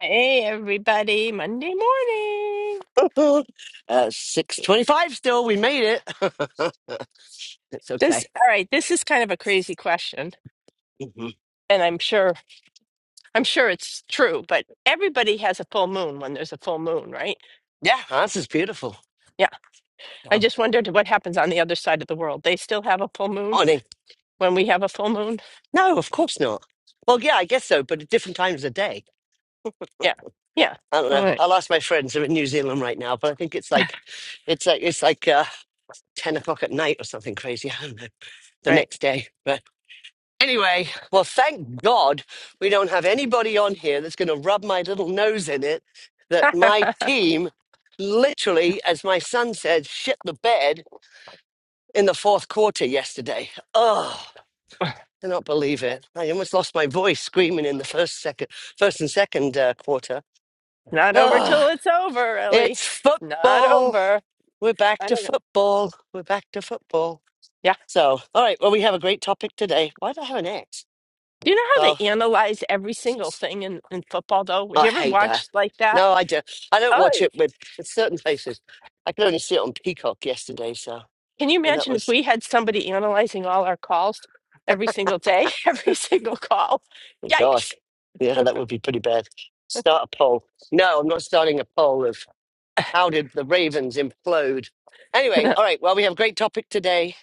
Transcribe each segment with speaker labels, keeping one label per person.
Speaker 1: Hey, everybody, Monday morning.
Speaker 2: uh, six twenty-five. Still, we made it. it's
Speaker 1: This,
Speaker 2: okay.
Speaker 1: all right, this is kind of a crazy question,
Speaker 2: Mhm.
Speaker 1: and I'm sure, I'm sure it's true, but everybody has a full moon when there's a full moon, right?
Speaker 2: Yeah, that's is beautiful.
Speaker 1: Yeah, I
Speaker 2: Oh,
Speaker 1: just wondered what happens on the other side of the world. They still have a full moon
Speaker 2: morning.
Speaker 1: when we have a full moon?
Speaker 2: No, of course not. Well, yeah, I guess so, but at different times of day.
Speaker 1: Yeah, yeah.
Speaker 2: I don't
Speaker 1: All
Speaker 2: know.
Speaker 1: right,
Speaker 2: I'll ask my friends. They're in New Zealand right now, but I think it's like, it's like it's like uh, ten o'clock at night or something crazy. I don't know. The
Speaker 1: right.
Speaker 2: next day, but. Anyway, well, thank God we don't have anybody on here that's going to rub my little nose in it. That my team literally, as my son said, shit the bed in the fourth quarter yesterday. Oh, I cannot believe it. I almost lost my voice screaming in the first, second, first and second uh, quarter.
Speaker 1: Not over
Speaker 2: Oh,
Speaker 1: till it's over, Ellie.
Speaker 2: it's
Speaker 1: Not
Speaker 2: football.
Speaker 1: over.
Speaker 2: We're back
Speaker 1: I
Speaker 2: to
Speaker 1: don't know.
Speaker 2: football. We're back to football.
Speaker 1: Yeah.
Speaker 2: So, all right, well, we have a great topic today. Why do I have an X?
Speaker 1: Do you know how they
Speaker 2: Well,
Speaker 1: analyze every single thing in, in football, though? Would
Speaker 2: I
Speaker 1: you ever
Speaker 2: hate that.
Speaker 1: watch like that?
Speaker 2: No, I do. I don't watch
Speaker 1: Oh,
Speaker 2: it with with certain places. I could only see it on Peacock yesterday, so
Speaker 1: Can you
Speaker 2: and that
Speaker 1: imagine if
Speaker 2: was
Speaker 1: we had somebody analyzing all our calls every single day, every single call?
Speaker 2: oh God,
Speaker 1: Yikes.
Speaker 2: yeah, that would be pretty bad. Start a poll. No, I'm not starting a poll of how did the Ravens implode. Anyway, all right. Well, we have a great topic today,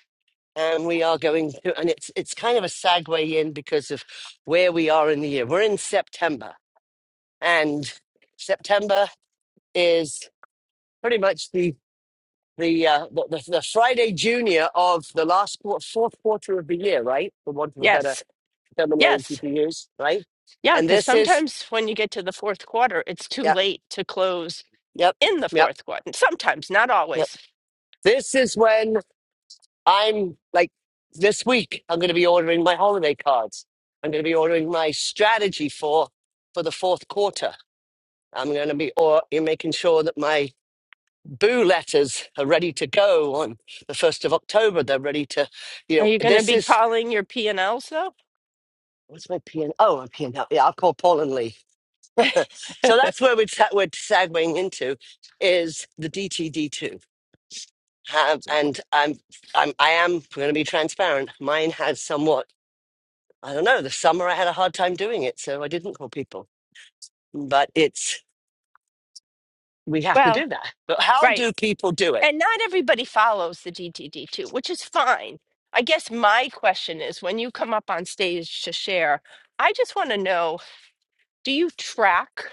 Speaker 2: and we are going to, and it's it's kind of a segue in because of where we are in the year. We're in September, and September is pretty much the the, uh, the the the Friday Junior of the last quar fourth quarter of the year, right? For want of a better
Speaker 1: yes.
Speaker 2: terminology
Speaker 1: Yes.
Speaker 2: to use, right?
Speaker 1: Yeah.
Speaker 2: And
Speaker 1: Because
Speaker 2: this is
Speaker 1: sometimes when you get to the fourth quarter, it's too
Speaker 2: yep,
Speaker 1: late to close
Speaker 2: yep,
Speaker 1: in the
Speaker 2: yep,
Speaker 1: fourth quarter. Sometimes, not
Speaker 2: yep.
Speaker 1: always.
Speaker 2: This is when I'm like this week. I'm going to be ordering my holiday cards. I'm going to be ordering my strategy for for the fourth quarter. I'm going to be or you're making sure that my boo letters are ready to go on the 1st of october they're ready to you
Speaker 1: Are
Speaker 2: know
Speaker 1: you going to
Speaker 2: this
Speaker 1: be
Speaker 2: is
Speaker 1: calling your P&Ls though?
Speaker 2: What's my PN? Oh, my PNL. Yeah, I'll call Paul and Lee. So that's where we're, ta- we're segueing into is the DTD2. Have and I'm, I'm, I am going to be transparent. Mine has somewhat, I don't know, the summer I had a hard time doing it, so I didn't call people. But it's, we have to
Speaker 1: Well,
Speaker 2: do that. But how
Speaker 1: right.
Speaker 2: do people do it?
Speaker 1: And not everybody follows the DTD too, which is fine. I guess my question is when you come up on stage to share, I just want to know do you track?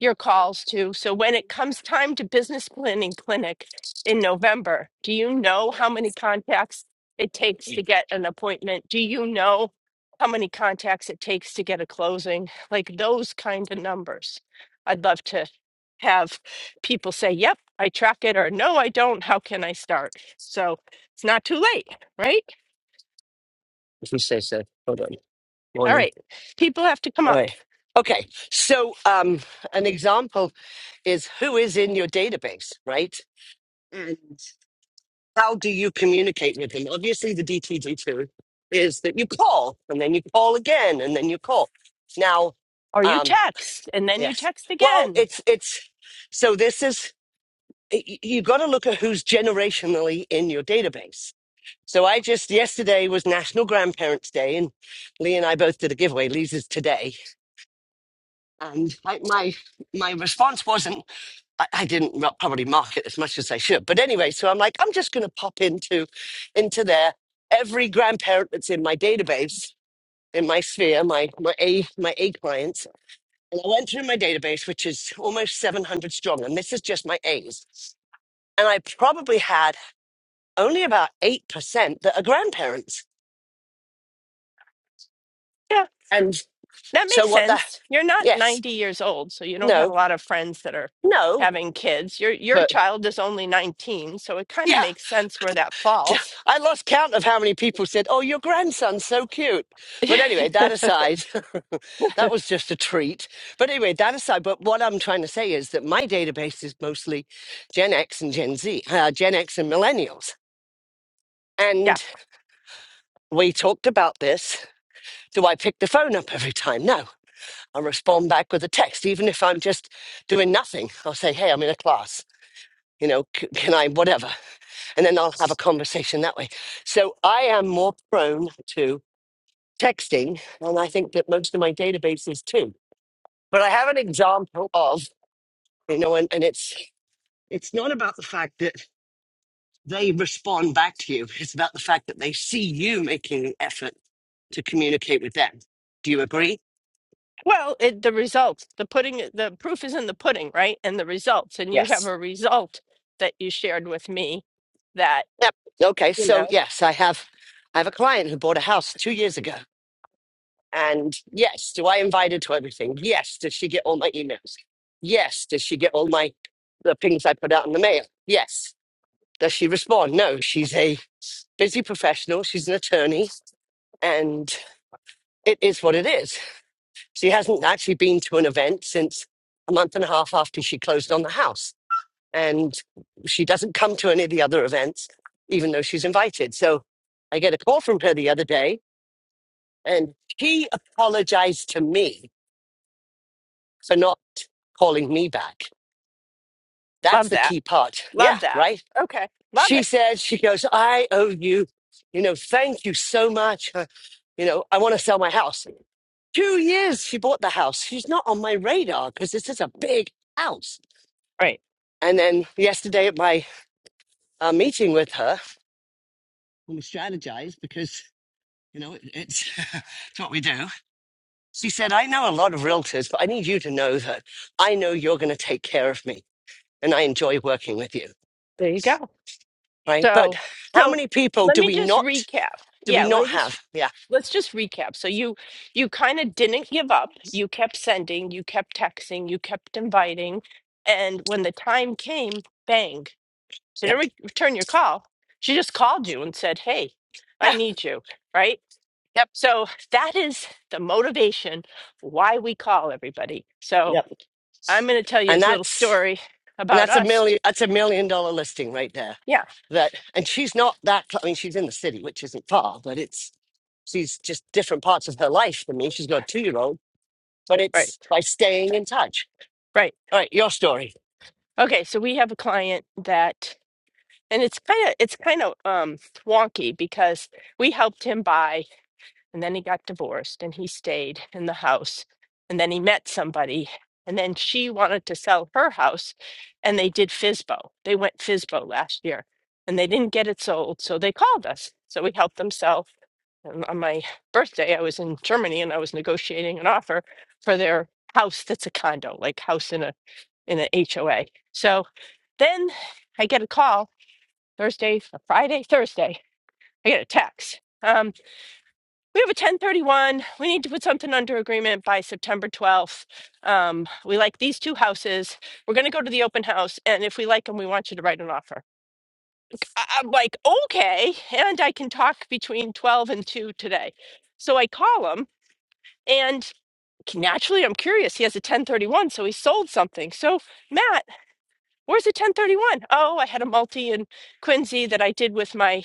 Speaker 1: your calls to. So when it comes time to business planning clinic in November, do you know how many contacts it takes to get an appointment? Do you know how many contacts it takes to get a closing? Like those kind of numbers. I'd love to have people say, yep, I track it, or no, I don't. How can I start? So it's not too late, right?
Speaker 2: If you say so. Hold on.
Speaker 1: All
Speaker 2: Morning.
Speaker 1: right. People have to come
Speaker 2: All
Speaker 1: up,
Speaker 2: right. Okay. So um, an example is who is in your database, right? how do you communicate with him? Obviously, the DTD2 is that you call and then you call again and then you call. Now,
Speaker 1: or you
Speaker 2: um,
Speaker 1: text and then you
Speaker 2: yes.
Speaker 1: text
Speaker 2: Well,
Speaker 1: again.
Speaker 2: it's, it's, so this is, y- you've got to look at who's generationally in your database. So I just, yesterday was National Grandparents Day and Lee and I both did a giveaway. Lee's is today. And I, my, my response wasn't. I, I didn't ro- probably market as much as I should. But anyway, so I'm like, I'm just going to pop into into there. Every grandparent that's in my database, in my sphere, my my A my A clients, and I went through my database, which is almost 700 strong, and this is just my A's. And I probably had only about eight percent that are grandparents. And
Speaker 1: That makes
Speaker 2: so what the
Speaker 1: sense. You're not
Speaker 2: yes,
Speaker 1: 90 years old, so you don't have a
Speaker 2: no,
Speaker 1: lot of friends that are
Speaker 2: no,
Speaker 1: having kids. Your your
Speaker 2: but
Speaker 1: child is only 19, so it kind of
Speaker 2: yeah.
Speaker 1: makes sense where that falls.
Speaker 2: I lost count of how many people said, "Oh, your grandson's so cute." But anyway, that aside, that was just a treat. But anyway, that aside. But what I'm trying to say is that my database is mostly Gen X and Gen Z, uh, Gen X and millennials.
Speaker 1: Yeah.
Speaker 2: And we talked about this. Do I pick the phone up every time? No, I respond back with a text, even if I'm just doing nothing. I'll say, "Hey, I'm in a class." You know, c- can I, whatever. And then I'll have a conversation that way. So I am more prone to texting, and I think that most of my database is too. But I have an example of, you know, and, and it's it's not about the fact that they respond back to you. It's about the fact that they see you making an effort to communicate with them. Do you agree?
Speaker 1: Well, it, the results, the pudding, the proof is in the pudding, right? And the results, and you have
Speaker 2: Yes.
Speaker 1: a result that you shared with me that,
Speaker 2: Yep. Okay.
Speaker 1: you
Speaker 2: So
Speaker 1: know,
Speaker 2: yes, I have I have a client who bought a house two years ago. And yes, do I invite her to everything? Yes. Does she get all my emails? Yes. Does she get all my the things I put out in the mail? Yes. Does she respond? No, she's a busy professional. She's an attorney, and it is what it is. She hasn't actually been to an event since a month and a half after she closed on the house. And she doesn't come to any of the other events, even though she's invited. So I get a call from her the other day, and she apologized to me for not calling me back. That's
Speaker 1: love
Speaker 2: the
Speaker 1: that.
Speaker 2: key part.
Speaker 1: Love
Speaker 2: Yeah,
Speaker 1: that.
Speaker 2: right.
Speaker 1: Okay. Love
Speaker 2: she
Speaker 1: it.
Speaker 2: said, she goes, I owe you, you know, thank you so much. Uh, You know, I want to sell my house. Two years she bought the house. She's not on my radar because this is a big house.
Speaker 1: Right.
Speaker 2: And then yesterday at my uh, meeting with her, when we strategized because, you know, it, it's, it's what we do. She said, I know a lot of realtors, but I need you to know that I know you're going to take care of me and I enjoy working with you.
Speaker 1: There you go.
Speaker 2: Right. But
Speaker 1: So,
Speaker 2: how
Speaker 1: so
Speaker 2: many people
Speaker 1: let
Speaker 2: do
Speaker 1: me
Speaker 2: we
Speaker 1: just
Speaker 2: not,
Speaker 1: recap.
Speaker 2: do we
Speaker 1: Yeah, let me
Speaker 2: not
Speaker 1: just
Speaker 2: have? Yeah.
Speaker 1: let's just recap. So you you kind of didn't give up. You kept sending, you kept texting, you kept inviting, and when the time came, bang. She didn't
Speaker 2: Yep.
Speaker 1: re- return your call. She just called you and said, "Hey, I
Speaker 2: Yeah.
Speaker 1: need you." Right?
Speaker 2: Yep."
Speaker 1: So that is the motivation why we call everybody. So
Speaker 2: Yep.
Speaker 1: I'm going to tell you
Speaker 2: And
Speaker 1: this little
Speaker 2: that's
Speaker 1: story
Speaker 2: and
Speaker 1: about
Speaker 2: that's a
Speaker 1: us. t-
Speaker 2: million that's a million dollar listing right there.
Speaker 1: yeah,
Speaker 2: That and she's not that cl- I mean she's in the city, which isn't far, but it's she's just different parts of her life than me. She's got a two year old, but
Speaker 1: right,
Speaker 2: it's by staying
Speaker 1: right,
Speaker 2: in touch.
Speaker 1: right.
Speaker 2: All right, your story.
Speaker 1: Okay, so we have a client that And it's kind of it's kind of um, wonky because we helped him buy, and then he got divorced, and he stayed in the house, and then he met somebody, and then she wanted to sell her house, and they did FISBO. They went FISBO last year, and they didn't get it sold, so they called us. So we helped them sell. And on my birthday, I was in Germany, and I was negotiating an offer for their house that's a condo, like house in a in an H O a HOA. So then I get a call Thursday, Friday, Thursday. I get a text. Um, we have a 1031. We need to put something under agreement by September 12th. Um, we like these two houses. We're going to go to the open house. And if we like them, we want you to write an offer. I- I'm like, okay. And I can talk between 12 and 2 today. So I call him and naturally I'm curious. He has a 1031, so he sold something. So, Matt, Where's the 1031? Oh, I had a multi in Quincy that I did with my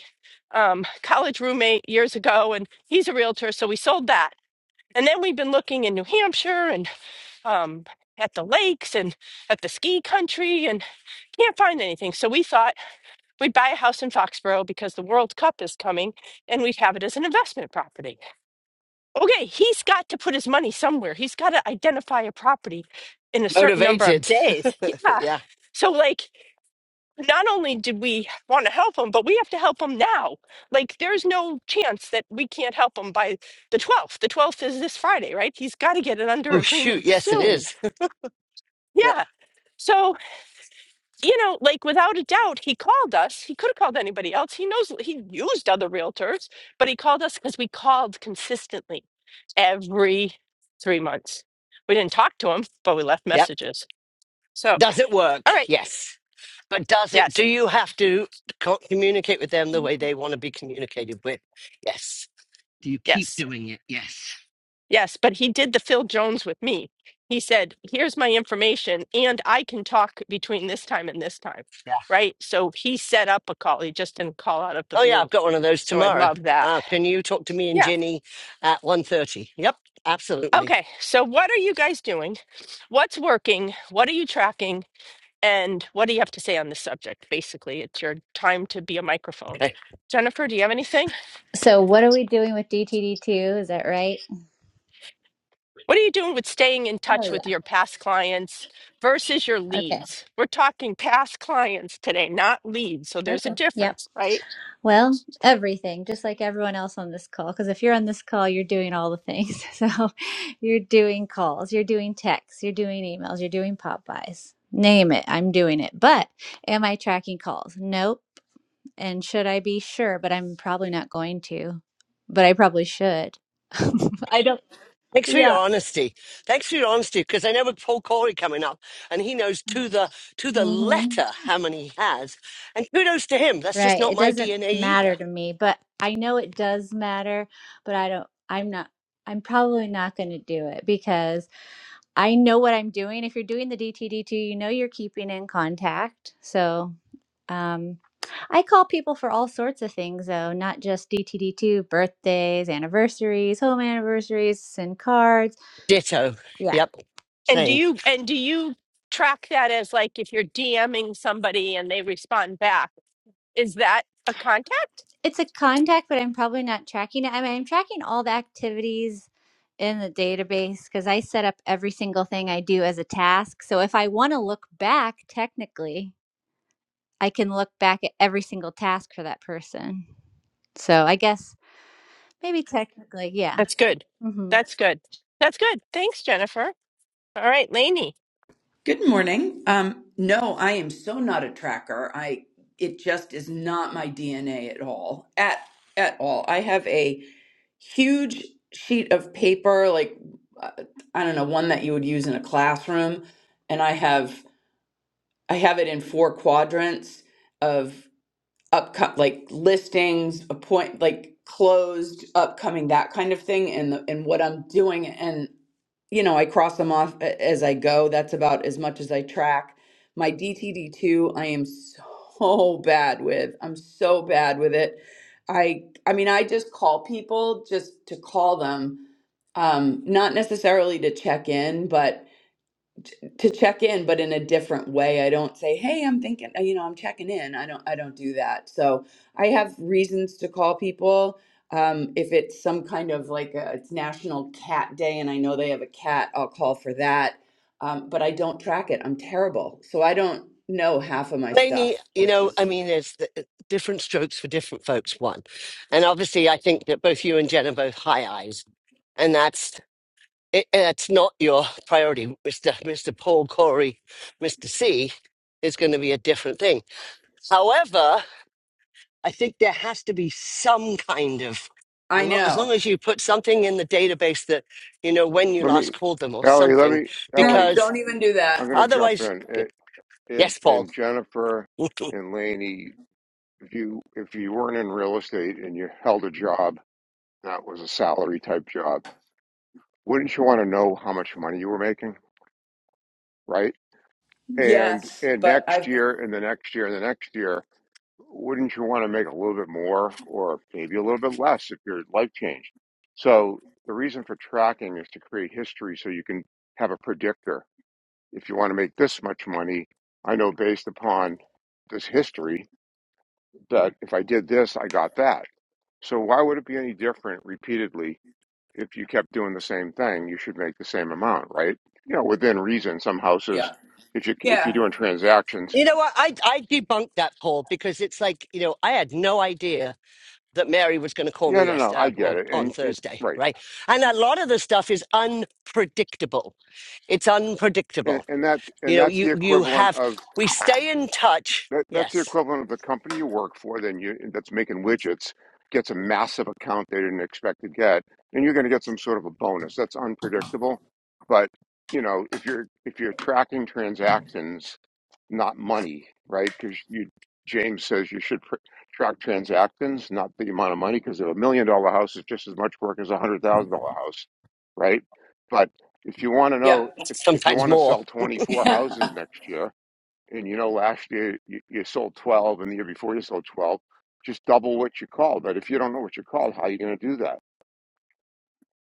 Speaker 1: um, college roommate years ago, and he's a realtor, so we sold that. And then we've been looking in New Hampshire and um, at the lakes and at the ski country and can't find anything. So we thought we'd buy a house in Foxborough because the World Cup is coming and we'd have it as an investment property. Okay, he's got to put his money somewhere. He's got to identify a property in a certain number of
Speaker 2: Motivated.
Speaker 1: days. Yeah.
Speaker 2: yeah.
Speaker 1: So, like, not only did we want to help them, but we have to help them now. Like, there's no chance that we can't help him by the 12th. The 12th is this Friday, right? He's got to get it under
Speaker 2: Oh shoot,
Speaker 1: agreement
Speaker 2: yes it
Speaker 1: soon.
Speaker 2: is. Yeah.
Speaker 1: Yeah. So, you know, like without a doubt, he called us. He could have called anybody else. He knows he used other realtors, but he called us because we called consistently every three months. We didn't talk to him, but we left
Speaker 2: Yep.
Speaker 1: messages. So,
Speaker 2: Does it
Speaker 1: all
Speaker 2: work?
Speaker 1: right.
Speaker 2: Yes. But does it
Speaker 1: Yes.
Speaker 2: do you have to co- communicate with them the
Speaker 1: Mm-hmm.
Speaker 2: way they want to be communicated with? Yes. Do you keep
Speaker 1: Yes.
Speaker 2: doing it? Yes.
Speaker 1: Yes, but he did the Phil Jones with me. He said, "Here's my information, and I can talk between this time and this time."
Speaker 2: Yeah.
Speaker 1: Right? So he set up a call. He just didn't call out of the
Speaker 2: Oh yeah,
Speaker 1: blue.
Speaker 2: I've got one of those
Speaker 1: So I
Speaker 2: tomorrow.
Speaker 1: love that.
Speaker 2: Uh, can you talk to me and
Speaker 1: Yeah.
Speaker 2: Jenny at one thirty? Yep, absolutely.
Speaker 1: Okay. So what are you guys doing? What's working? What are you tracking? And what do you have to say on this subject? Basically, it's your time to be a microphone.
Speaker 2: Okay.
Speaker 1: Jennifer, do you have anything?
Speaker 3: So, what are we doing with DTD2? Is that right?
Speaker 1: What are you doing with staying in
Speaker 3: Oh,
Speaker 1: touch with
Speaker 3: yeah.
Speaker 1: your past clients versus your
Speaker 3: Okay.
Speaker 1: leads? We're talking past clients today, not leads. So there's a
Speaker 3: Okay. Yep.
Speaker 1: difference, right?
Speaker 3: Well, everything, just like everyone else on this call. Because if you're on this call, you're doing all the things. So, you're doing calls, you're doing texts, you're doing emails, you're doing Popeyes. Name it. I'm doing it. But am I tracking calls? Nope. And should I be sure? But I'm probably not going to. But I probably should. I don't.
Speaker 2: Thanks for your
Speaker 3: Yeah.
Speaker 2: honesty. Thanks for your honesty, because I know with Paul Corey coming up, and he knows to the to the
Speaker 3: Mm-hmm.
Speaker 2: letter how many he has. And kudos to him. That's just
Speaker 3: Right.
Speaker 2: not
Speaker 3: It
Speaker 2: my
Speaker 3: doesn't
Speaker 2: DNA
Speaker 3: matter
Speaker 2: either.
Speaker 3: to me, but I know it does matter, but I don't, I'm not, I'm probably not going to do it because I know what I'm doing. If you're doing the DTD2, you know you're keeping in contact. So, um, I call people for all sorts of things though, not just DTD2, birthdays, anniversaries, home anniversaries, and cards.
Speaker 2: Ditto.
Speaker 3: Yeah.
Speaker 2: Yep.
Speaker 1: And do
Speaker 2: Same.
Speaker 1: you and do you track that as like if you're DMing somebody and they respond back, is that a contact?
Speaker 3: it's a contact, but I'm probably not tracking it. I mean, I'm tracking all the activities in the database because I set up every single thing I do as a task. So if I want to look back, technically, I can look back at every single task for that person. So I guess maybe technically, yeah.
Speaker 1: That's good.
Speaker 3: hmm
Speaker 1: That's good. That's good. Thanks, Jennifer. All right, Lainey.
Speaker 4: Good morning. Um, no, I am so not a tracker. I it just is not my DNA at all. At at all. I have a huge sheet of paper, like uh, I don't know, one that you would use in a classroom, and I have I have it in four quadrants of upco- like listings, appoint like closed, upcoming, that kind of thing, and the, and what I'm doing you know, I cross them off a- as I go. That's about as much as I track. My DTD2, I am so bad with. I'm so bad with it. I I mean, I just call people just to call them, um, not necessarily to check in, but to check in but in a different way i don't say hey i'm thinking uh, you know i'm checking in i don't i don't do that so i have reasons to call people um, if it's some kind of like a, it's national cat day and i know they have a cat i'll call for that um, but i don't track it i'm terrible so i don't know half of my stuff
Speaker 2: Mainly, you
Speaker 4: which
Speaker 2: know, I
Speaker 4: is
Speaker 2: mean, there's th- different strokes for different folks. One, and obviously, I think that both you and Jen are both high eyes, and that's it, it's not your priority. Mr. Mr. Paul Corey, Mr. C is going to be a different thing. However, I think there has to be some kind of,
Speaker 4: i
Speaker 2: and lo- as long
Speaker 4: know
Speaker 2: as you put something in the database that you know when you
Speaker 5: Let me,
Speaker 2: last called them or
Speaker 5: Ellie, let
Speaker 2: something,
Speaker 5: me,
Speaker 4: no
Speaker 5: Ellie,
Speaker 2: because
Speaker 4: don't even do
Speaker 5: I'm
Speaker 4: that
Speaker 5: going to jump
Speaker 2: otherwise,
Speaker 5: in. And, and,
Speaker 2: yes, Paul.
Speaker 5: and Jennifer and Laney, if you, if you weren't in real estate and you held a job that was a salary type job, wouldn't you want to know how much money you were making? Right. And,
Speaker 4: yes
Speaker 5: and
Speaker 4: but
Speaker 5: next
Speaker 4: i've been
Speaker 5: year and the next year and the next year, wouldn't you want to make a little bit more or maybe a little bit less if your life changed? So the reason for tracking is to create history so you can have a predictor if you want to make this much money, I know based upon this history that if I did this, I got that. So why would it be any different repeatedly if you kept doing the same thing? You should make the same amount, right? You know, within reason. Some houses,
Speaker 4: yeah
Speaker 5: if you if you're
Speaker 4: yeah
Speaker 5: doing transactions,
Speaker 2: You know what? I I debunked that, Paul, because it's like you know I had no idea that Mary was going to call
Speaker 5: yeah,
Speaker 2: me
Speaker 5: no, no,
Speaker 2: yesterday,
Speaker 5: I
Speaker 2: uh,
Speaker 5: get
Speaker 2: well,
Speaker 5: it,
Speaker 2: on
Speaker 5: and, and
Speaker 2: Thursday,
Speaker 5: right,
Speaker 2: right? And a lot of the stuff is unpredictable. It's
Speaker 5: and,
Speaker 2: unpredictable.
Speaker 5: and that
Speaker 2: You
Speaker 5: and
Speaker 2: know,
Speaker 5: that's the
Speaker 2: you you
Speaker 5: equivalent
Speaker 2: have
Speaker 5: of
Speaker 2: we stay in touch.
Speaker 5: That, that's the
Speaker 2: Yes,
Speaker 5: equivalent of the company you work for, then you that's making widgets gets a massive account they didn't expect to get, and you're going to get some sort of a bonus. That's unpredictable, but you know if you're if you're tracking transactions, not money, right? Because you James says you should pr- track transactions, not the amount of money, because a million dollar house is just as much work as a hundred thousand dollar house, right? But if you want to
Speaker 4: yeah
Speaker 5: know if if you
Speaker 2: sometimes
Speaker 5: want to
Speaker 2: more.
Speaker 5: sell twenty four houses
Speaker 4: yeah
Speaker 5: next year and you know, last year you, you sold 12, and the year before you sold 12. Just double what you called. But if you don't know what you called, how are you going to do that?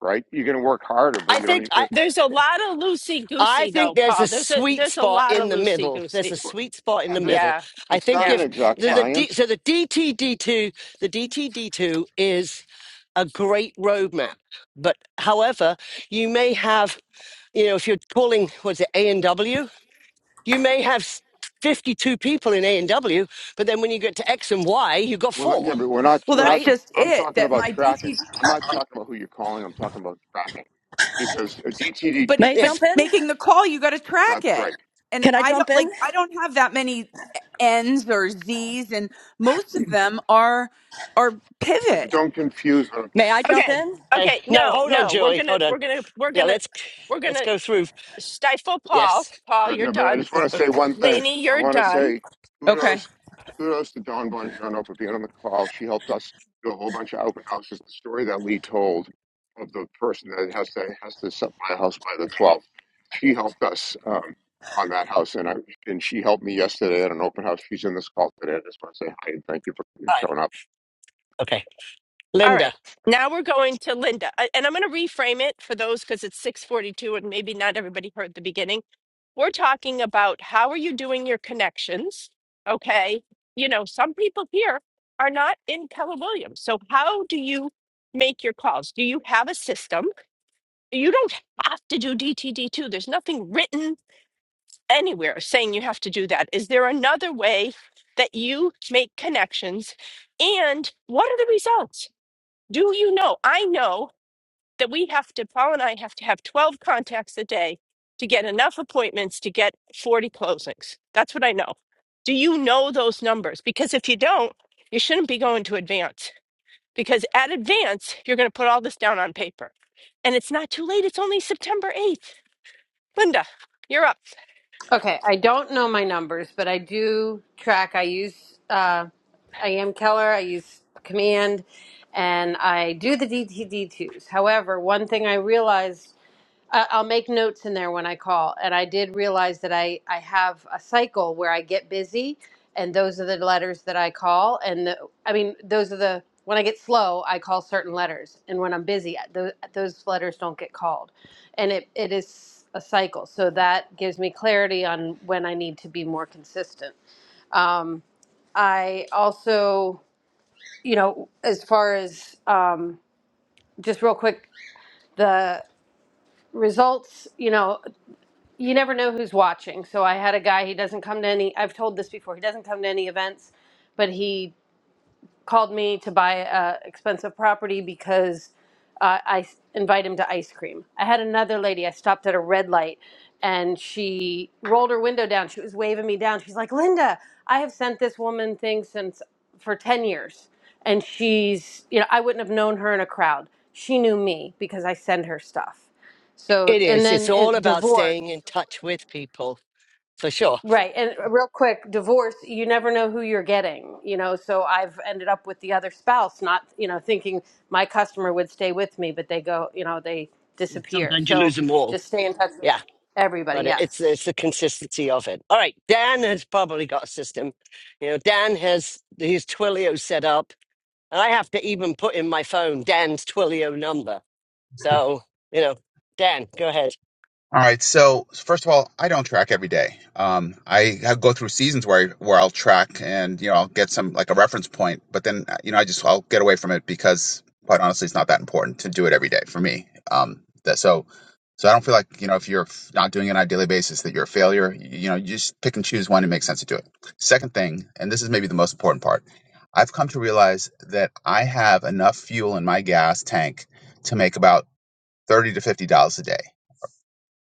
Speaker 5: Right? You're going to work harder, but
Speaker 2: I
Speaker 5: you don't
Speaker 2: think.
Speaker 5: even.
Speaker 1: There's a lot of loosey
Speaker 2: I
Speaker 1: goosey
Speaker 2: think
Speaker 1: though,
Speaker 2: there's
Speaker 1: Paul.
Speaker 2: a
Speaker 1: There's a
Speaker 2: sweet
Speaker 1: there's a
Speaker 2: spot
Speaker 1: lot of
Speaker 2: in the
Speaker 1: loosey
Speaker 2: middle. There's a
Speaker 1: goosey.
Speaker 5: Yeah,
Speaker 2: sweet spot in the
Speaker 5: there's,
Speaker 2: middle.
Speaker 1: Yeah.
Speaker 2: I
Speaker 5: it's
Speaker 2: think
Speaker 5: not
Speaker 1: Yeah.
Speaker 5: an
Speaker 2: if
Speaker 5: exact
Speaker 1: Yeah.
Speaker 2: the, the D,
Speaker 5: science.
Speaker 2: so the DTD2, the DTD2 is a great roadmap. But however, you may have, you know, if you're calling, was it A and W? You may have s- 52 people in A and W, but then when you get to X and Y, you've got
Speaker 5: Well,
Speaker 2: four,
Speaker 5: yeah, but we're not.
Speaker 4: well
Speaker 5: We're not.
Speaker 4: that's
Speaker 2: right?
Speaker 4: just
Speaker 5: I'm
Speaker 4: it
Speaker 5: talking
Speaker 4: that
Speaker 5: about
Speaker 4: my
Speaker 5: tracking.
Speaker 4: dt
Speaker 5: I'm not talking about who you're calling. I'm talking about tracking because a DTD.
Speaker 4: but
Speaker 6: May
Speaker 4: it,
Speaker 6: I
Speaker 4: but
Speaker 2: Yes.
Speaker 6: jump in?
Speaker 4: making the call you got to track
Speaker 5: That's
Speaker 4: it
Speaker 5: right.
Speaker 4: and
Speaker 6: Can I
Speaker 4: i
Speaker 6: jump
Speaker 4: don't
Speaker 6: in?
Speaker 4: like i don't have that many n's or z's and most of them are are
Speaker 5: Right, But
Speaker 4: pivot
Speaker 5: don't confuse. what
Speaker 6: May I jump
Speaker 1: Okay.
Speaker 6: in?
Speaker 2: Okay.
Speaker 1: Okay.
Speaker 2: No,
Speaker 1: No,
Speaker 2: hold on,
Speaker 1: no. We're
Speaker 2: Julie.
Speaker 1: gonna
Speaker 2: Hold on.
Speaker 1: we're gonna we're
Speaker 2: Yeah,
Speaker 1: gonna
Speaker 2: let's
Speaker 1: we're
Speaker 2: let's
Speaker 1: gonna
Speaker 2: go through.
Speaker 1: stifle Paul.
Speaker 2: Yes.
Speaker 1: Paul,
Speaker 5: Uh,
Speaker 1: you're
Speaker 5: no, but I
Speaker 1: done.
Speaker 5: just want to say one thing.
Speaker 1: Lainey,
Speaker 5: I
Speaker 1: you're
Speaker 5: want to
Speaker 1: done.
Speaker 5: say
Speaker 4: okay
Speaker 5: kudos, kudos to Dawn Bongiorno for being on the call. She helped us do a whole bunch of open houses. The story that Lee told of the person that has to has to set my house by the 12th. She helped us um, on that house, and I and she helped me yesterday at an open house. She's in this call today. I just want to say hi and thank you for
Speaker 2: All right.
Speaker 5: showing up.
Speaker 2: Okay.
Speaker 1: All
Speaker 2: Linda.
Speaker 1: right. Now we're going to Linda. A- And I'm gonna reframe it for those because it's 642 and maybe not everybody heard the beginning. We're talking about how are you doing your connections? Okay. You know, some people here are not in Keller Williams. So how do you make your calls? Do you have a system? You don't have to do DTD2. There's nothing written anywhere saying you have to do that. Is there another way that you make connections? And what are the results? Do you know? I know that we have to, Paul and I have to have 12 contacts a day to get enough appointments to get 40 closings. That's what I know. Do you know those numbers? Because if you don't, you shouldn't be going to advance because at advance, you're going to put all this down on paper. And it's not too late. It's only September 8th. Linda, you're up.
Speaker 7: Okay, I don't know my numbers, but I do track. I use uh, I am Keller. I use Command, and I do the DTD twos. However, one thing I realized I- I'll make notes in there when I call. And I did realize that I, I have a cycle where I get busy, and those are the letters that I call. And the, I mean, those are the, when I get slow, I call certain letters. And when I'm busy, those, those letters don't get called. And it, it is a cycle. So that gives me clarity on when I need to be more consistent. Um, I also, you know, as far as um, just real quick, the results, you know, you never know who's watching. So I had a guy, he doesn't come to any, I've told this before, he doesn't come to any events, but he called me to buy a expensive property because uh, I s- invite him to ice cream. I had another lady, I stopped at a red light and she rolled her window down. She was waving me down. She's like, Linda, I have sent this woman things since for 10 years. And she's, you know, I wouldn't have known her in a crowd. She knew me because I send her stuff. So,
Speaker 2: It
Speaker 7: and
Speaker 2: is. It's
Speaker 7: then
Speaker 2: all
Speaker 7: it,
Speaker 2: about
Speaker 7: divorce.
Speaker 2: staying in touch with people, for sure.
Speaker 7: Right. And uh, real quick, divorce, you never know who you're getting, you know. So I've ended up with the other spouse, not, you know, thinking my customer would stay with me, but they go, you know, they disappear.
Speaker 2: Sometimes you
Speaker 7: So
Speaker 2: lose them all.
Speaker 7: just stay in touch with
Speaker 2: Yeah,
Speaker 7: everybody.
Speaker 2: but it, it's
Speaker 7: Yes.
Speaker 2: it's the consistency of it. All right, Dan has probably got a system. You know, Dan has his Twilio set up, and I have to even put in my phone Dan's Twilio number. So you know, Dan, go ahead.
Speaker 8: All right. So first of all, I don't track every day. Um, I have go through seasons where I, where I'll track and you know I'll get some like a reference point, but then uh, you know I just I'll get away from it because quite honestly, it's not that important to do it every day for me. Um, that so so I don't feel like you know if you're not doing it on a daily basis that you're a failure. You, you know, you just pick and choose when it makes sense to do it. Second thing, and this is maybe the most important part, I've come to realize that I have enough fuel in my gas tank to make about thirty to fifty dollars a day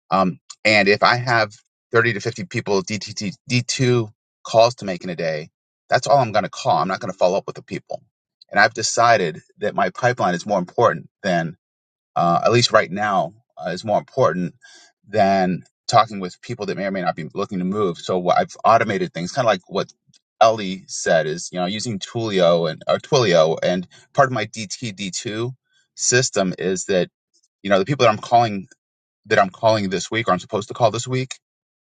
Speaker 8: um, and if I have 30 to 50 people DTT, D2 calls to make in a day, that's all I'm going to call. I'm not going to follow up with the people. And I've decided that my pipeline is more important than, uh, at least right now, uh, is more important than talking with people that may or may not be looking to move. So what I've automated things, kind of like what Ellie said, is you know using Twilio and or Twilio, and part of my DT D2 system is that you know the people that I'm calling that I'm calling this week or I'm supposed to call this week,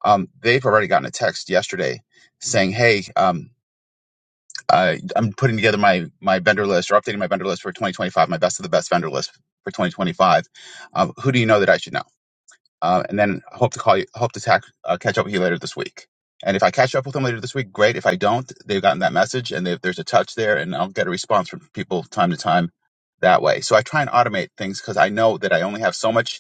Speaker 8: um, they've already gotten a text yesterday saying, "Hey, um, I, I'm putting together my my vendor list or updating my vendor list for 2025, my best of the best vendor list for 2025. Um, who do you know that I should know?" Uh, and then I hope to call you, I hope to tack, uh, catch up with you later this week. And if I catch up with them later this week, great. If I don't, they've gotten that message and they, there's a touch there, and I'll get a response from people time to time that way. So I try and automate things because I know that I only have so much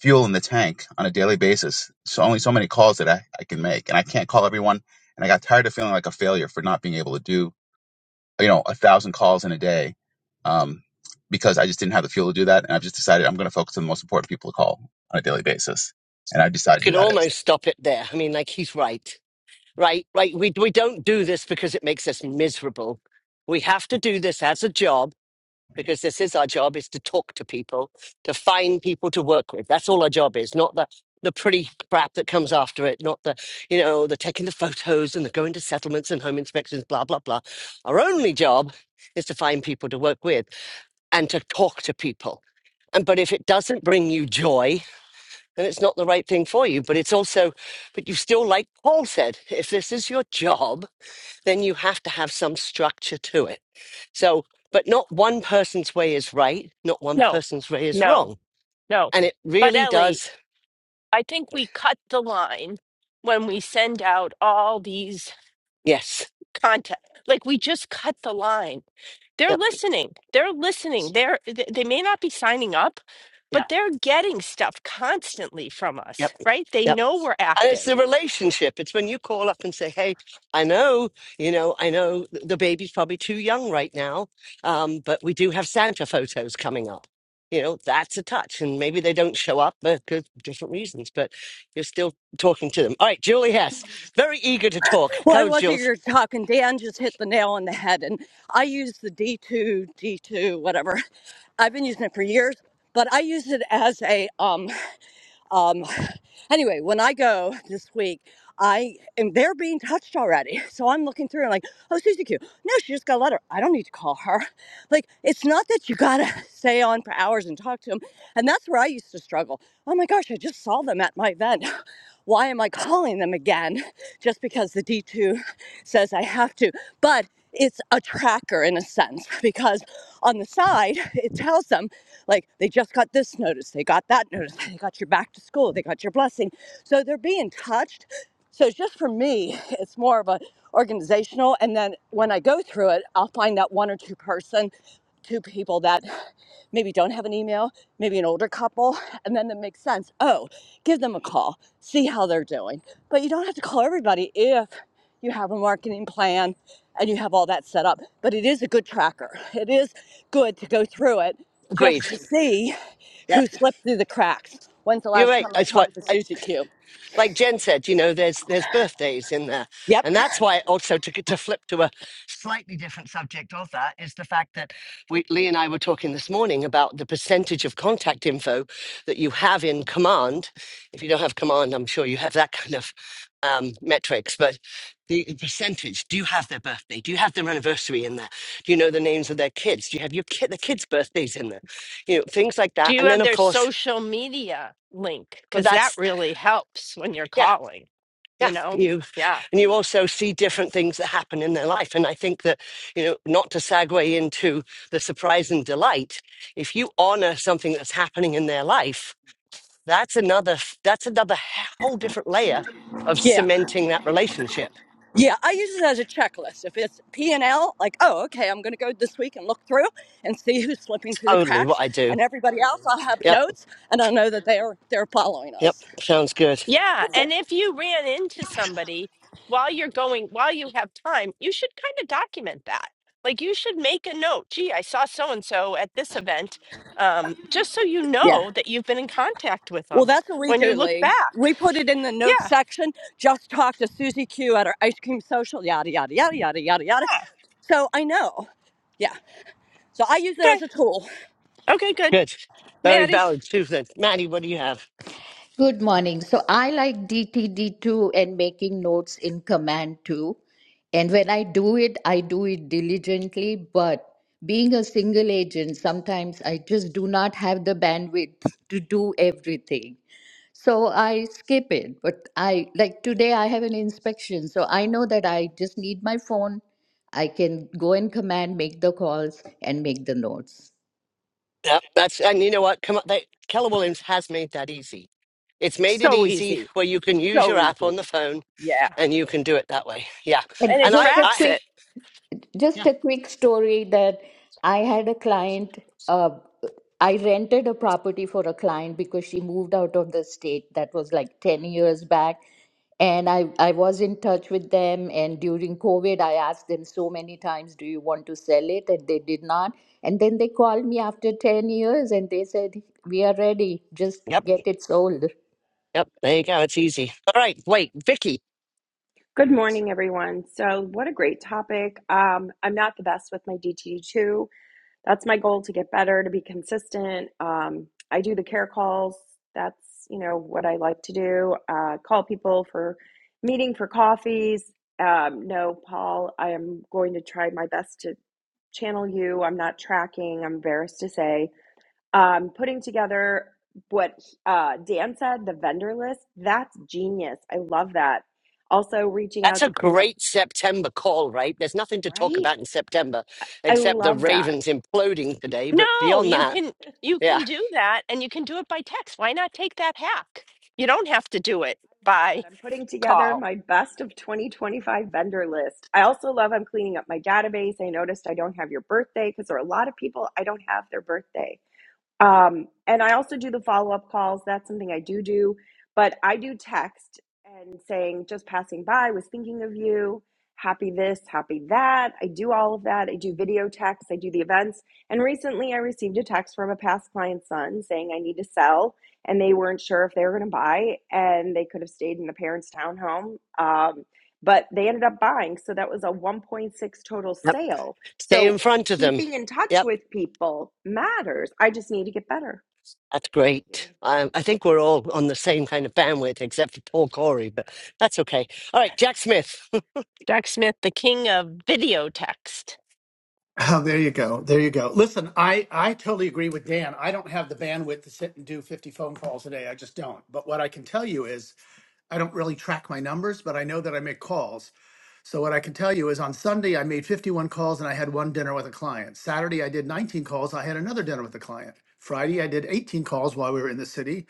Speaker 8: fuel in the tank on a daily basis. So only so many calls that I, I can make. And I can't call everyone. And I got tired of feeling like a failure for not being able to do, you know, a thousand calls in a day. Um, because I just didn't have the fuel to do that. And I've just decided I'm going to focus on the most important people to call on a daily basis. And I
Speaker 2: We
Speaker 8: decided who
Speaker 2: could
Speaker 8: that is.
Speaker 2: almost stop it there. I mean, like he's right, right, right. We we don't do this because it makes us miserable. We have to do this as a job because this is our job is to talk to people to find people to work with that's all our job is not the the pretty crap that comes after it not the you know the taking the photos and the going to settlements and home inspections blah blah blah our only job is to find people to work with and to talk to people and but if it doesn't bring you joy then it's not the right thing for you but it's also but you still like paul said if this is your job then you have to have some structure to it. So, but not one person's way is right, not one
Speaker 1: No,
Speaker 2: person's way is
Speaker 1: no.
Speaker 2: wrong.
Speaker 1: No.
Speaker 2: And it
Speaker 1: But
Speaker 2: really
Speaker 1: Ellie,
Speaker 2: does,
Speaker 1: I think we cut the line when we send out all these
Speaker 2: yes.
Speaker 1: content. Like we just cut the line. They're
Speaker 2: Yep,
Speaker 1: listening. They're listening. They're th- they may not be signing up,
Speaker 2: yep,
Speaker 1: but they're getting stuff constantly from us,
Speaker 2: yep,
Speaker 1: right? They
Speaker 2: yep.
Speaker 1: know we're
Speaker 2: And it's
Speaker 1: active.
Speaker 2: the relationship. It's when you call up and say, hey, I know, you know, I know th- the baby's probably too young right now, um, but we do have Santa photos coming up. You know, that's a touch. And maybe they don't show up uh, for different reasons, but you're still talking to them. All right, Julie Hess, very eager to talk.
Speaker 6: Well, I
Speaker 2: Go,
Speaker 6: wasn't
Speaker 2: Jules.
Speaker 6: here talking. Dan just hit the nail on the head, and I use the D2, D2, whatever. I've been using it for years, but I use it as a um um. Anyway, when I go this week, I am they're being touched already, so I'm looking through and like. Oh, Susie Q. No, she just got a letter. I don't need to call her. Like, it's not that you gotta stay on for hours and talk to them. And that's where I used to struggle. Oh my gosh, I just saw them at my event. Why am I calling them again? Just because the D2 says I have to. But it's a tracker in a sense because on the side it tells them like they just got this notice they got that notice they got your back to school they got your blessing so they're being touched so just for me, it's more of a organizational. And then when I go through it, I'll find that one or two person, two people that maybe don't have an email, maybe an older couple, and then that makes sense. Oh, give them a call, see how they're doing. But you don't have to call everybody if you have a marketing plan and you have all that set up. But it is a good tracker. It is good to go through it just
Speaker 2: Agreed.
Speaker 6: to see
Speaker 2: Yeah,
Speaker 6: who slipped through the cracks. When's the
Speaker 2: you're
Speaker 6: last
Speaker 2: right.
Speaker 6: time I
Speaker 2: That's what,
Speaker 6: talked to
Speaker 2: I,
Speaker 6: Susie Q?
Speaker 2: like Jen said, you know, there's there's birthdays in there,
Speaker 6: Yep.
Speaker 2: and that's why also to to flip to a slightly different subject of that is the fact that we Lee and I were talking this morning about the percentage of contact info that you have in command. If you don't have command, I'm sure you have that kind of um, metrics, but. The the percentage. Do you have their birthday? Do you have their anniversary in there? Do you know the names of their kids? Do you have your kid, the kids' birthdays in there? You know things like
Speaker 1: Do
Speaker 2: that.
Speaker 1: you
Speaker 2: And then,
Speaker 1: have
Speaker 2: of
Speaker 1: their
Speaker 2: course,
Speaker 1: social media link?
Speaker 2: well,
Speaker 1: Because that
Speaker 2: that's
Speaker 1: really helps when you're
Speaker 2: Yeah,
Speaker 1: calling, you
Speaker 2: yeah.
Speaker 1: know?
Speaker 2: You
Speaker 1: Yeah.
Speaker 2: and you also see different things that happen in their life. And I think that, you know, not to segue into the surprise and delight, if you honor something that's happening in their life, that's another f- that's another whole different layer of
Speaker 6: Yeah.
Speaker 2: cementing that relationship.
Speaker 6: Yeah, I use it as a checklist. If it's P and L, like, oh, okay, I'm going to go this week and look through and see who's slipping through the
Speaker 2: Totally what
Speaker 6: cracks,
Speaker 2: I do.
Speaker 6: and everybody else, I'll have
Speaker 2: Yep,
Speaker 6: notes, and I'll know that they're they're following
Speaker 2: yep.
Speaker 6: us.
Speaker 2: Sounds good.
Speaker 1: Yeah,
Speaker 6: That's it.
Speaker 1: and if you ran into somebody while you're going, while you have time, you should kind of document that. Like you should make a note. Gee, I saw so and so at this event, um, just so you
Speaker 6: Yeah.
Speaker 1: know that you've been in contact with
Speaker 6: Well,
Speaker 1: them
Speaker 6: that's what we
Speaker 1: when you
Speaker 6: do,
Speaker 1: look
Speaker 6: Lee.
Speaker 1: back.
Speaker 6: We put it in the notes
Speaker 1: Yeah.
Speaker 6: section. Just talk to Susie Q at our ice cream social. Yada yada yada yada yada yada. So I know. Yeah. So I use it
Speaker 1: Okay.
Speaker 6: as a tool.
Speaker 1: Okay. Good.
Speaker 2: Good. Very
Speaker 1: Maddie,
Speaker 2: valid, Susan. Maddie, what do you have?
Speaker 9: Good morning. So I like DTD2 and making notes in Command 2. And when I do it, I do it diligently. But being a single agent, sometimes I just do not have the bandwidth to do everything. So I skip it. But I like today, I have an inspection. So I know that I just need my phone. I can go in Command, make the calls, and make the notes.
Speaker 2: Yep, that's and you know what? Come on, they, Keller Williams has made that easy. It's made it
Speaker 1: so
Speaker 2: easy
Speaker 1: easy.
Speaker 2: where you can use
Speaker 1: So
Speaker 2: your app on
Speaker 1: easy.
Speaker 2: the phone
Speaker 1: Yeah.
Speaker 2: and you can do it that way. Yeah.
Speaker 1: And
Speaker 9: And
Speaker 1: it
Speaker 2: And I,
Speaker 9: just a
Speaker 2: I,
Speaker 1: tracks
Speaker 9: quick
Speaker 1: it.
Speaker 9: Just
Speaker 2: yeah.
Speaker 9: a quick story that I had a client. Uh, I rented a property for a client because she moved out of the state. That was like 10 years back. And I, I was in touch with them. And during COVID, I asked them so many times, Do you want to sell it? And they did not. And then they called me after 10 years and they said, We are ready. Just
Speaker 2: Yep.
Speaker 9: get it sold.
Speaker 2: Yep. There you go. It's easy. All right. Wait, Vicky,
Speaker 10: Good morning, everyone. So, what a great topic. Um, I'm not the best with my DTD2. That's my goal to get better, to be consistent. Um, I do the care calls. That's, you know, what I like to do. Uh, call people for meeting for coffees. Um, no, Paul, I am going to try my best to channel you. I'm not tracking, I'm embarrassed to say um, putting together what uh, Dan said, the vendor list, that's genius. I love that. Also, reaching
Speaker 2: that's
Speaker 10: out to
Speaker 2: a
Speaker 10: clean up,
Speaker 2: great September call, right? There's nothing to talk
Speaker 10: right?
Speaker 2: about in September
Speaker 10: I
Speaker 2: except the
Speaker 10: love that.
Speaker 2: Ravens imploding today. But
Speaker 1: No,
Speaker 2: beyond
Speaker 1: you
Speaker 2: that,
Speaker 1: can you
Speaker 2: yeah.
Speaker 1: can do that, and you can do it by text. Why not take that hack? You don't have to do it
Speaker 10: I love
Speaker 1: by
Speaker 10: that. I'm putting
Speaker 1: call.
Speaker 10: together my best of 2025 vendor list. I also love I'm cleaning up my database. I noticed I don't have your birthday because there are a lot of people I don't have their birthday. Um, and I also do the follow up calls. That's something I do do, but I do text and saying, just passing by, was thinking of you, happy this, happy that. I do all of that. I do video texts, I do the events. And recently I received a text from a past client's son saying I need to sell, and they weren't sure if they were going to buy, and they could have stayed in the parents' townhome. Um, but they ended up buying. So that was a 1.6 total
Speaker 2: Yep.
Speaker 10: sale.
Speaker 2: Stay in
Speaker 10: So
Speaker 2: front of them.
Speaker 10: keeping in touch
Speaker 2: Yep.
Speaker 10: with people matters. I just need to get better.
Speaker 2: That's
Speaker 10: Thank you.
Speaker 2: great. Um, I think we're all on the same kind of bandwidth except for Paul Corey, but that's okay. All right, Jack Smith,
Speaker 1: Jack Smith, the king of video text.
Speaker 11: Oh, there you go. There you go. Listen, I, I totally agree with Dan. I don't have the bandwidth to sit and do 50 phone calls a day. I just don't. But what I can tell you is I don't really track my numbers, but I know that I make calls. So what I can tell you is on Sunday, I made 51 calls and I had one dinner with a client. Saturday, I did 19 calls. I had another dinner with a client. Friday, I did 18 calls while we were in the city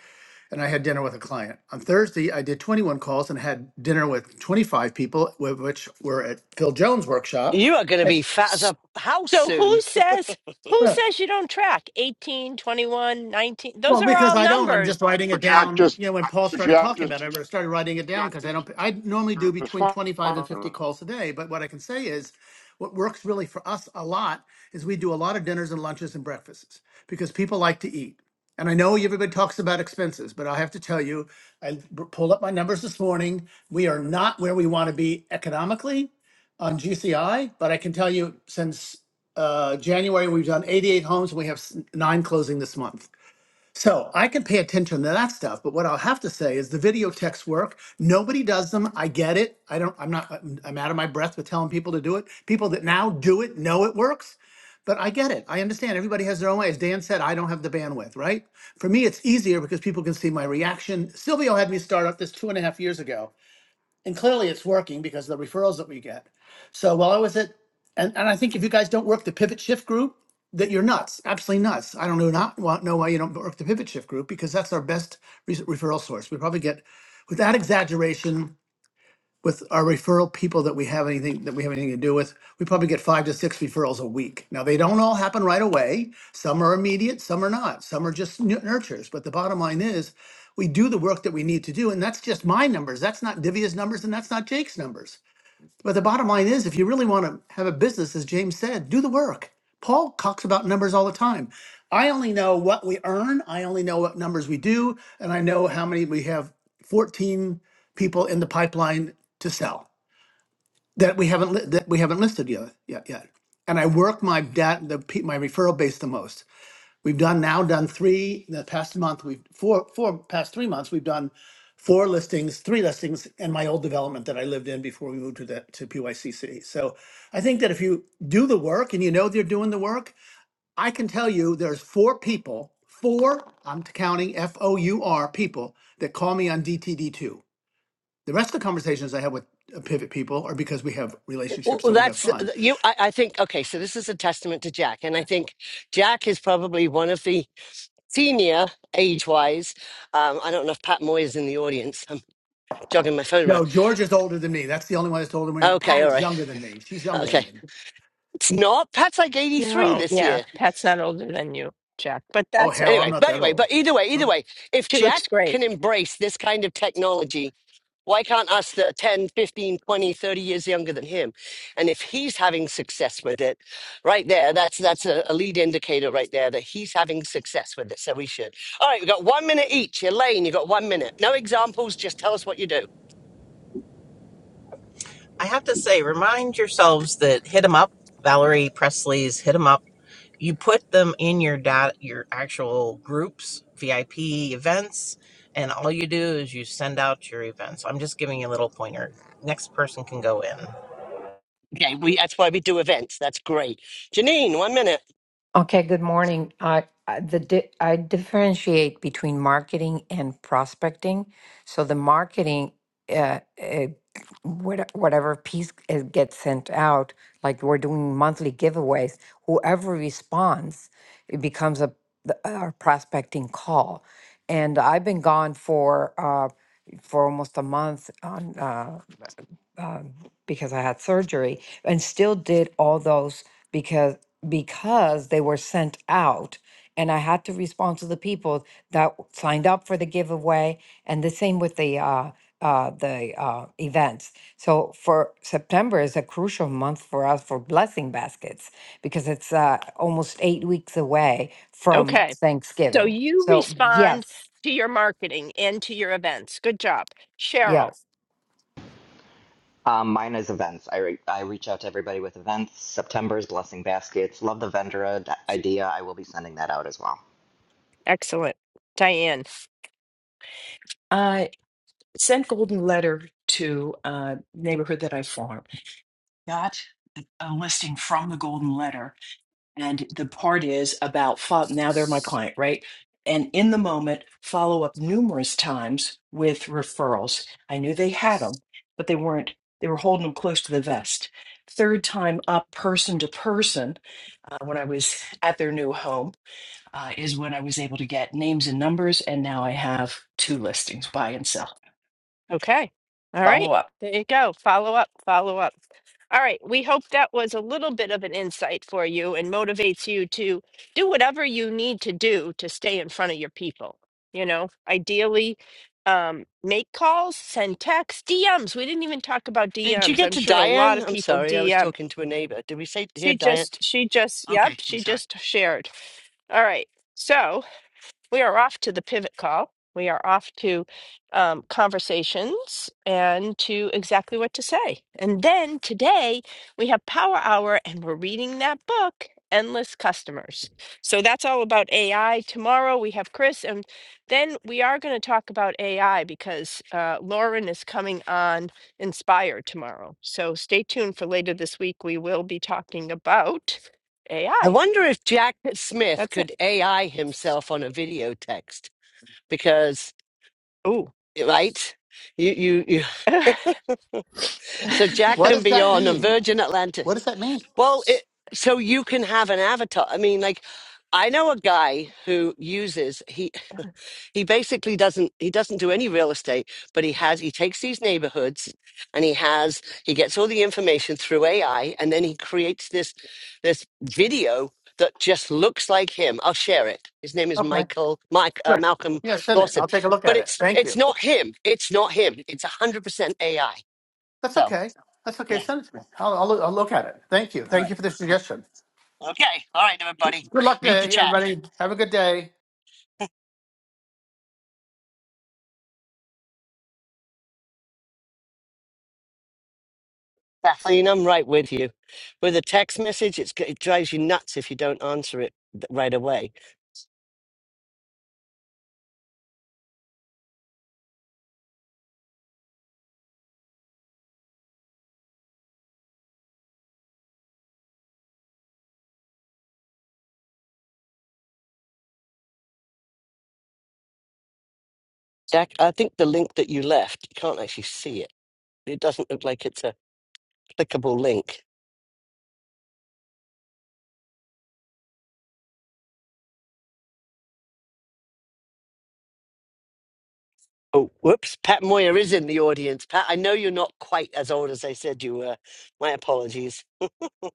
Speaker 11: and I had dinner with a client. On Thursday, I did 21 calls and had dinner with 25 people, with which were at Phil Jones' workshop.
Speaker 2: you are going to be fat as a house
Speaker 1: So
Speaker 2: soon.
Speaker 1: who says who says you don't track 18, 21, 19? Those
Speaker 11: Well,
Speaker 1: are
Speaker 11: because
Speaker 1: all
Speaker 11: I don't, I'm
Speaker 1: numbers.
Speaker 11: just writing
Speaker 5: But
Speaker 11: it
Speaker 5: Jack
Speaker 11: down.
Speaker 5: just,
Speaker 11: You know, when Paul started
Speaker 5: Jack
Speaker 11: talking about
Speaker 5: just,
Speaker 11: it, I started writing it down
Speaker 5: Jack
Speaker 11: because I
Speaker 5: just
Speaker 11: don't. I normally
Speaker 5: it
Speaker 11: do
Speaker 5: was
Speaker 11: between 25 and
Speaker 5: fun,
Speaker 11: 50 calls a day, but what I can say is, what works really for us a lot is we do a lot of dinners and lunches and breakfasts because people like to eat. And I know everybody talks about expenses, but I have to tell you, I b- pulled up my numbers this morning. We are not where we want to be economically on GCI, but I can tell you since uh, January, we've done 88 homes and we have s- nine closing this month. So I can pay attention to that stuff, but what I'll have to say is the video texts work. Nobody does them. I get it. I don't. I'm not. I'm I'm out of my breath with telling people to do it. People that now do it know it works, but I get it. I understand. Everybody has their own way. As Dan said, I don't have the bandwidth. Right? For me, it's easier because people can see my reaction. Silvio had me start up this two and a half years ago and clearly it's working because of the referrals that we get. So while I was at, and, and I think if you guys don't work the pivot shift group, that you're nuts, absolutely nuts. I don't know not want know why you don't work the pivot shift group because that's our best re- referral source. We probably get, without exaggeration, with our referral people that we have anything that we have anything to do with, we probably get five to six referrals a week. Now they don't all happen right away. Some are immediate, some are not. Some are just nu- nurtures. But the bottom line is, we do the work that we need to do, and that's just my numbers. That's not Divya's numbers, and that's not Jake's numbers. But the bottom line is, if you really want to have a business, as James said, do the work. Paul talks about numbers all the time. I only know what we earn, I only know what numbers we do, and I know how many we have 14 people in the pipeline to sell that we haven't li- that we haven't listed yet yet. yet. And I work my dat the pe- my referral base the most. We've done now done three in the past month. We've four four past three months. We've done four listings, three listings, and my old development that I lived in before we moved to the to PYCC. So I think that if you do the work and you know they're doing the work, I can tell you there's four people, four I'm counting F O U R people that call me on DTD two. The rest of the conversations I have with uh, pivot people are because we have
Speaker 2: Well, well,
Speaker 11: relationships
Speaker 2: well,
Speaker 11: and we have
Speaker 2: that's
Speaker 11: fun.
Speaker 2: you. I, I think okay. So this is a testament to Jack, and I think Jack is probably one of the senior age-wise. Um, I don't know if Pat Moy is in the audience. I'm jogging my phone around.
Speaker 11: No, George is older than me. That's the only one that's older than me.
Speaker 2: Okay,
Speaker 11: Pat
Speaker 2: all
Speaker 11: is
Speaker 2: right.
Speaker 11: younger than me. She's younger than
Speaker 2: Okay,
Speaker 11: me.
Speaker 2: it's not. Pat's like 83
Speaker 1: No,
Speaker 2: this
Speaker 1: yeah,
Speaker 2: year.
Speaker 1: Pat's not older than you, Jack, but
Speaker 11: Oh
Speaker 1: that's a,
Speaker 11: hell, I'm
Speaker 2: Anyway,
Speaker 11: not
Speaker 2: but
Speaker 11: that
Speaker 2: anyway,
Speaker 11: old.
Speaker 2: but either way, either
Speaker 11: Okay.
Speaker 2: way, if
Speaker 1: she
Speaker 2: Jack
Speaker 1: looks great.
Speaker 2: can embrace this kind of technology, why can't us that are 10, fifteen, twenty, thirty years younger than him? And if he's having success with it, right there, that's that's a, a lead indicator right there that he's having success with it. So we should. All right, we've got one minute each. Elaine, you got one minute. No examples, just tell us what you do.
Speaker 12: I have to say, remind yourselves that hit 'em up, Valerie Presley's hit 'em up. You put them in your data, your actual groups, VIP events, and all you do is you send out your events. I'm just giving you a little pointer. Next person can go in.
Speaker 2: Okay, we that's why we do events. That's great. Janine, one minute.
Speaker 13: Okay, good morning. I I- the di- I differentiate between marketing and prospecting. So the marketing, uh, uh, what- whatever piece is- gets sent out, like we're doing monthly giveaways, whoever responds, it becomes a, the- a prospecting call. And I've been gone for uh, for almost a month on. uh, um, because I had surgery and still did all those because because they were sent out and I had to respond to the people that signed up for the giveaway and the same with the uh, uh, the uh, events. So for September is a crucial month for us for blessing baskets because it's uh, almost eight weeks away from
Speaker 1: Okay. So
Speaker 13: Thanksgiving.
Speaker 1: you
Speaker 13: So
Speaker 1: respond
Speaker 13: yes,
Speaker 1: to your marketing and to your events. Good job.
Speaker 13: yes.
Speaker 1: Cheryl,
Speaker 14: Um, mine is events. I re- I reach out to everybody with events. September's blessing baskets. Love the vendor idea. I will be sending that out as well.
Speaker 1: excellent. Diane.
Speaker 15: I sent Golden Letter to a neighborhood that I farm. Got a listing from the Golden Letter, and the part is about fo- now they're my client, right? And in the moment, follow up numerous times with referrals. I knew they had them, but they weren't. They were holding them close to the vest. Third time up, person to person, uh, when I was at their new home, uh, is when I was able to get names and numbers. And now I have two listings buy and sell.
Speaker 1: Okay. All right.
Speaker 15: Follow up.
Speaker 1: There you go. Follow up, follow up. All right. We hope that was a little bit of an insight for you and motivates you to do whatever you need to do to stay in front of your people. You know, ideally, um, make calls, send texts, DMs. We didn't even talk about
Speaker 2: Did you
Speaker 1: DMs.
Speaker 2: get
Speaker 1: I'm
Speaker 2: to
Speaker 1: sure a lot
Speaker 2: Diane?
Speaker 1: of
Speaker 2: I'm
Speaker 1: people
Speaker 2: sorry, I was
Speaker 1: DM.
Speaker 2: talking to a neighbor. Did we say here
Speaker 1: She
Speaker 2: Diane?
Speaker 1: just, she just, yep,
Speaker 2: Okay, I'm
Speaker 1: she
Speaker 2: sorry.
Speaker 1: just shared. All right. So. We are off to the pivot call. We are off to um, conversations and to exactly what to say. And then today we have Power Hour and we're reading that book, Endless Customers. So that's all about AI. Tomorrow we have Chris, and then we are going to talk about AI because uh, Lauren is coming on Inspire tomorrow. So stay tuned for later this week. We will be talking about
Speaker 2: I
Speaker 1: AI.
Speaker 2: wonder if Jack Smith
Speaker 1: That's it.
Speaker 2: could AI himself on a video text because,
Speaker 1: Ooh.
Speaker 2: right? You, you, you so Jack
Speaker 11: What
Speaker 2: can
Speaker 11: does
Speaker 2: be
Speaker 11: that
Speaker 2: on a
Speaker 11: mean?
Speaker 2: Virgin Atlantic.
Speaker 11: What does that mean?
Speaker 2: Well, it, so you can have an avatar. I mean, like, I know a guy who uses he. he basically doesn't he doesn't do any real estate but he has he takes these neighborhoods and he has he gets all the information through ai and then he creates this this video that just looks like him i'll share it his name is
Speaker 11: Okay,
Speaker 2: michael mike uh,
Speaker 11: good.
Speaker 2: malcolm
Speaker 11: Yeah, send it.
Speaker 2: lawson
Speaker 11: I'll take a look
Speaker 2: but
Speaker 11: at it.
Speaker 2: it's
Speaker 11: Thank
Speaker 2: it's
Speaker 11: you.
Speaker 2: not him it's not him it's 100% ai
Speaker 11: That's
Speaker 2: so
Speaker 11: okay. That's okay.
Speaker 2: yeah
Speaker 11: Send it to me. I'll, I'll, I'll look at it. Thank you.
Speaker 2: all
Speaker 11: Thank you
Speaker 2: right
Speaker 11: for the suggestion.
Speaker 2: Huh. okay all right everybody
Speaker 11: Good luck to
Speaker 2: read the chat
Speaker 11: everybody. Have a good day.
Speaker 2: kathleen i'm right with you with a text message it's, it drives you nuts if you don't answer it th- right away Jack, I think the link that you left, you can't actually see it. It doesn't look like it's a clickable link. Oh, whoops. Pat Moyer is in the audience. Pat, I know you're not quite as old as I said you were. My apologies.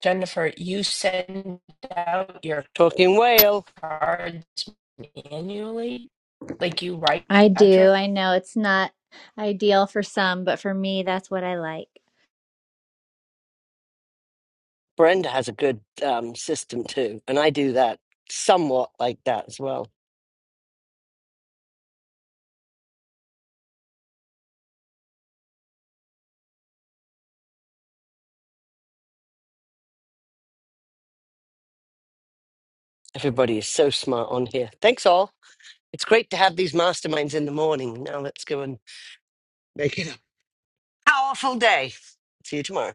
Speaker 1: Jennifer, you send out your
Speaker 2: Talking whale.
Speaker 1: cards annually. Like you write
Speaker 3: I do.
Speaker 1: address?
Speaker 3: I know it's not ideal for some, but for me, that's what I like.
Speaker 2: Brenda has a good um, system too, and I do that somewhat like that as well. Everybody is so smart on here. Thanks, all. It's great to have these masterminds in the morning. Now let's go and make it a powerful day. See you tomorrow.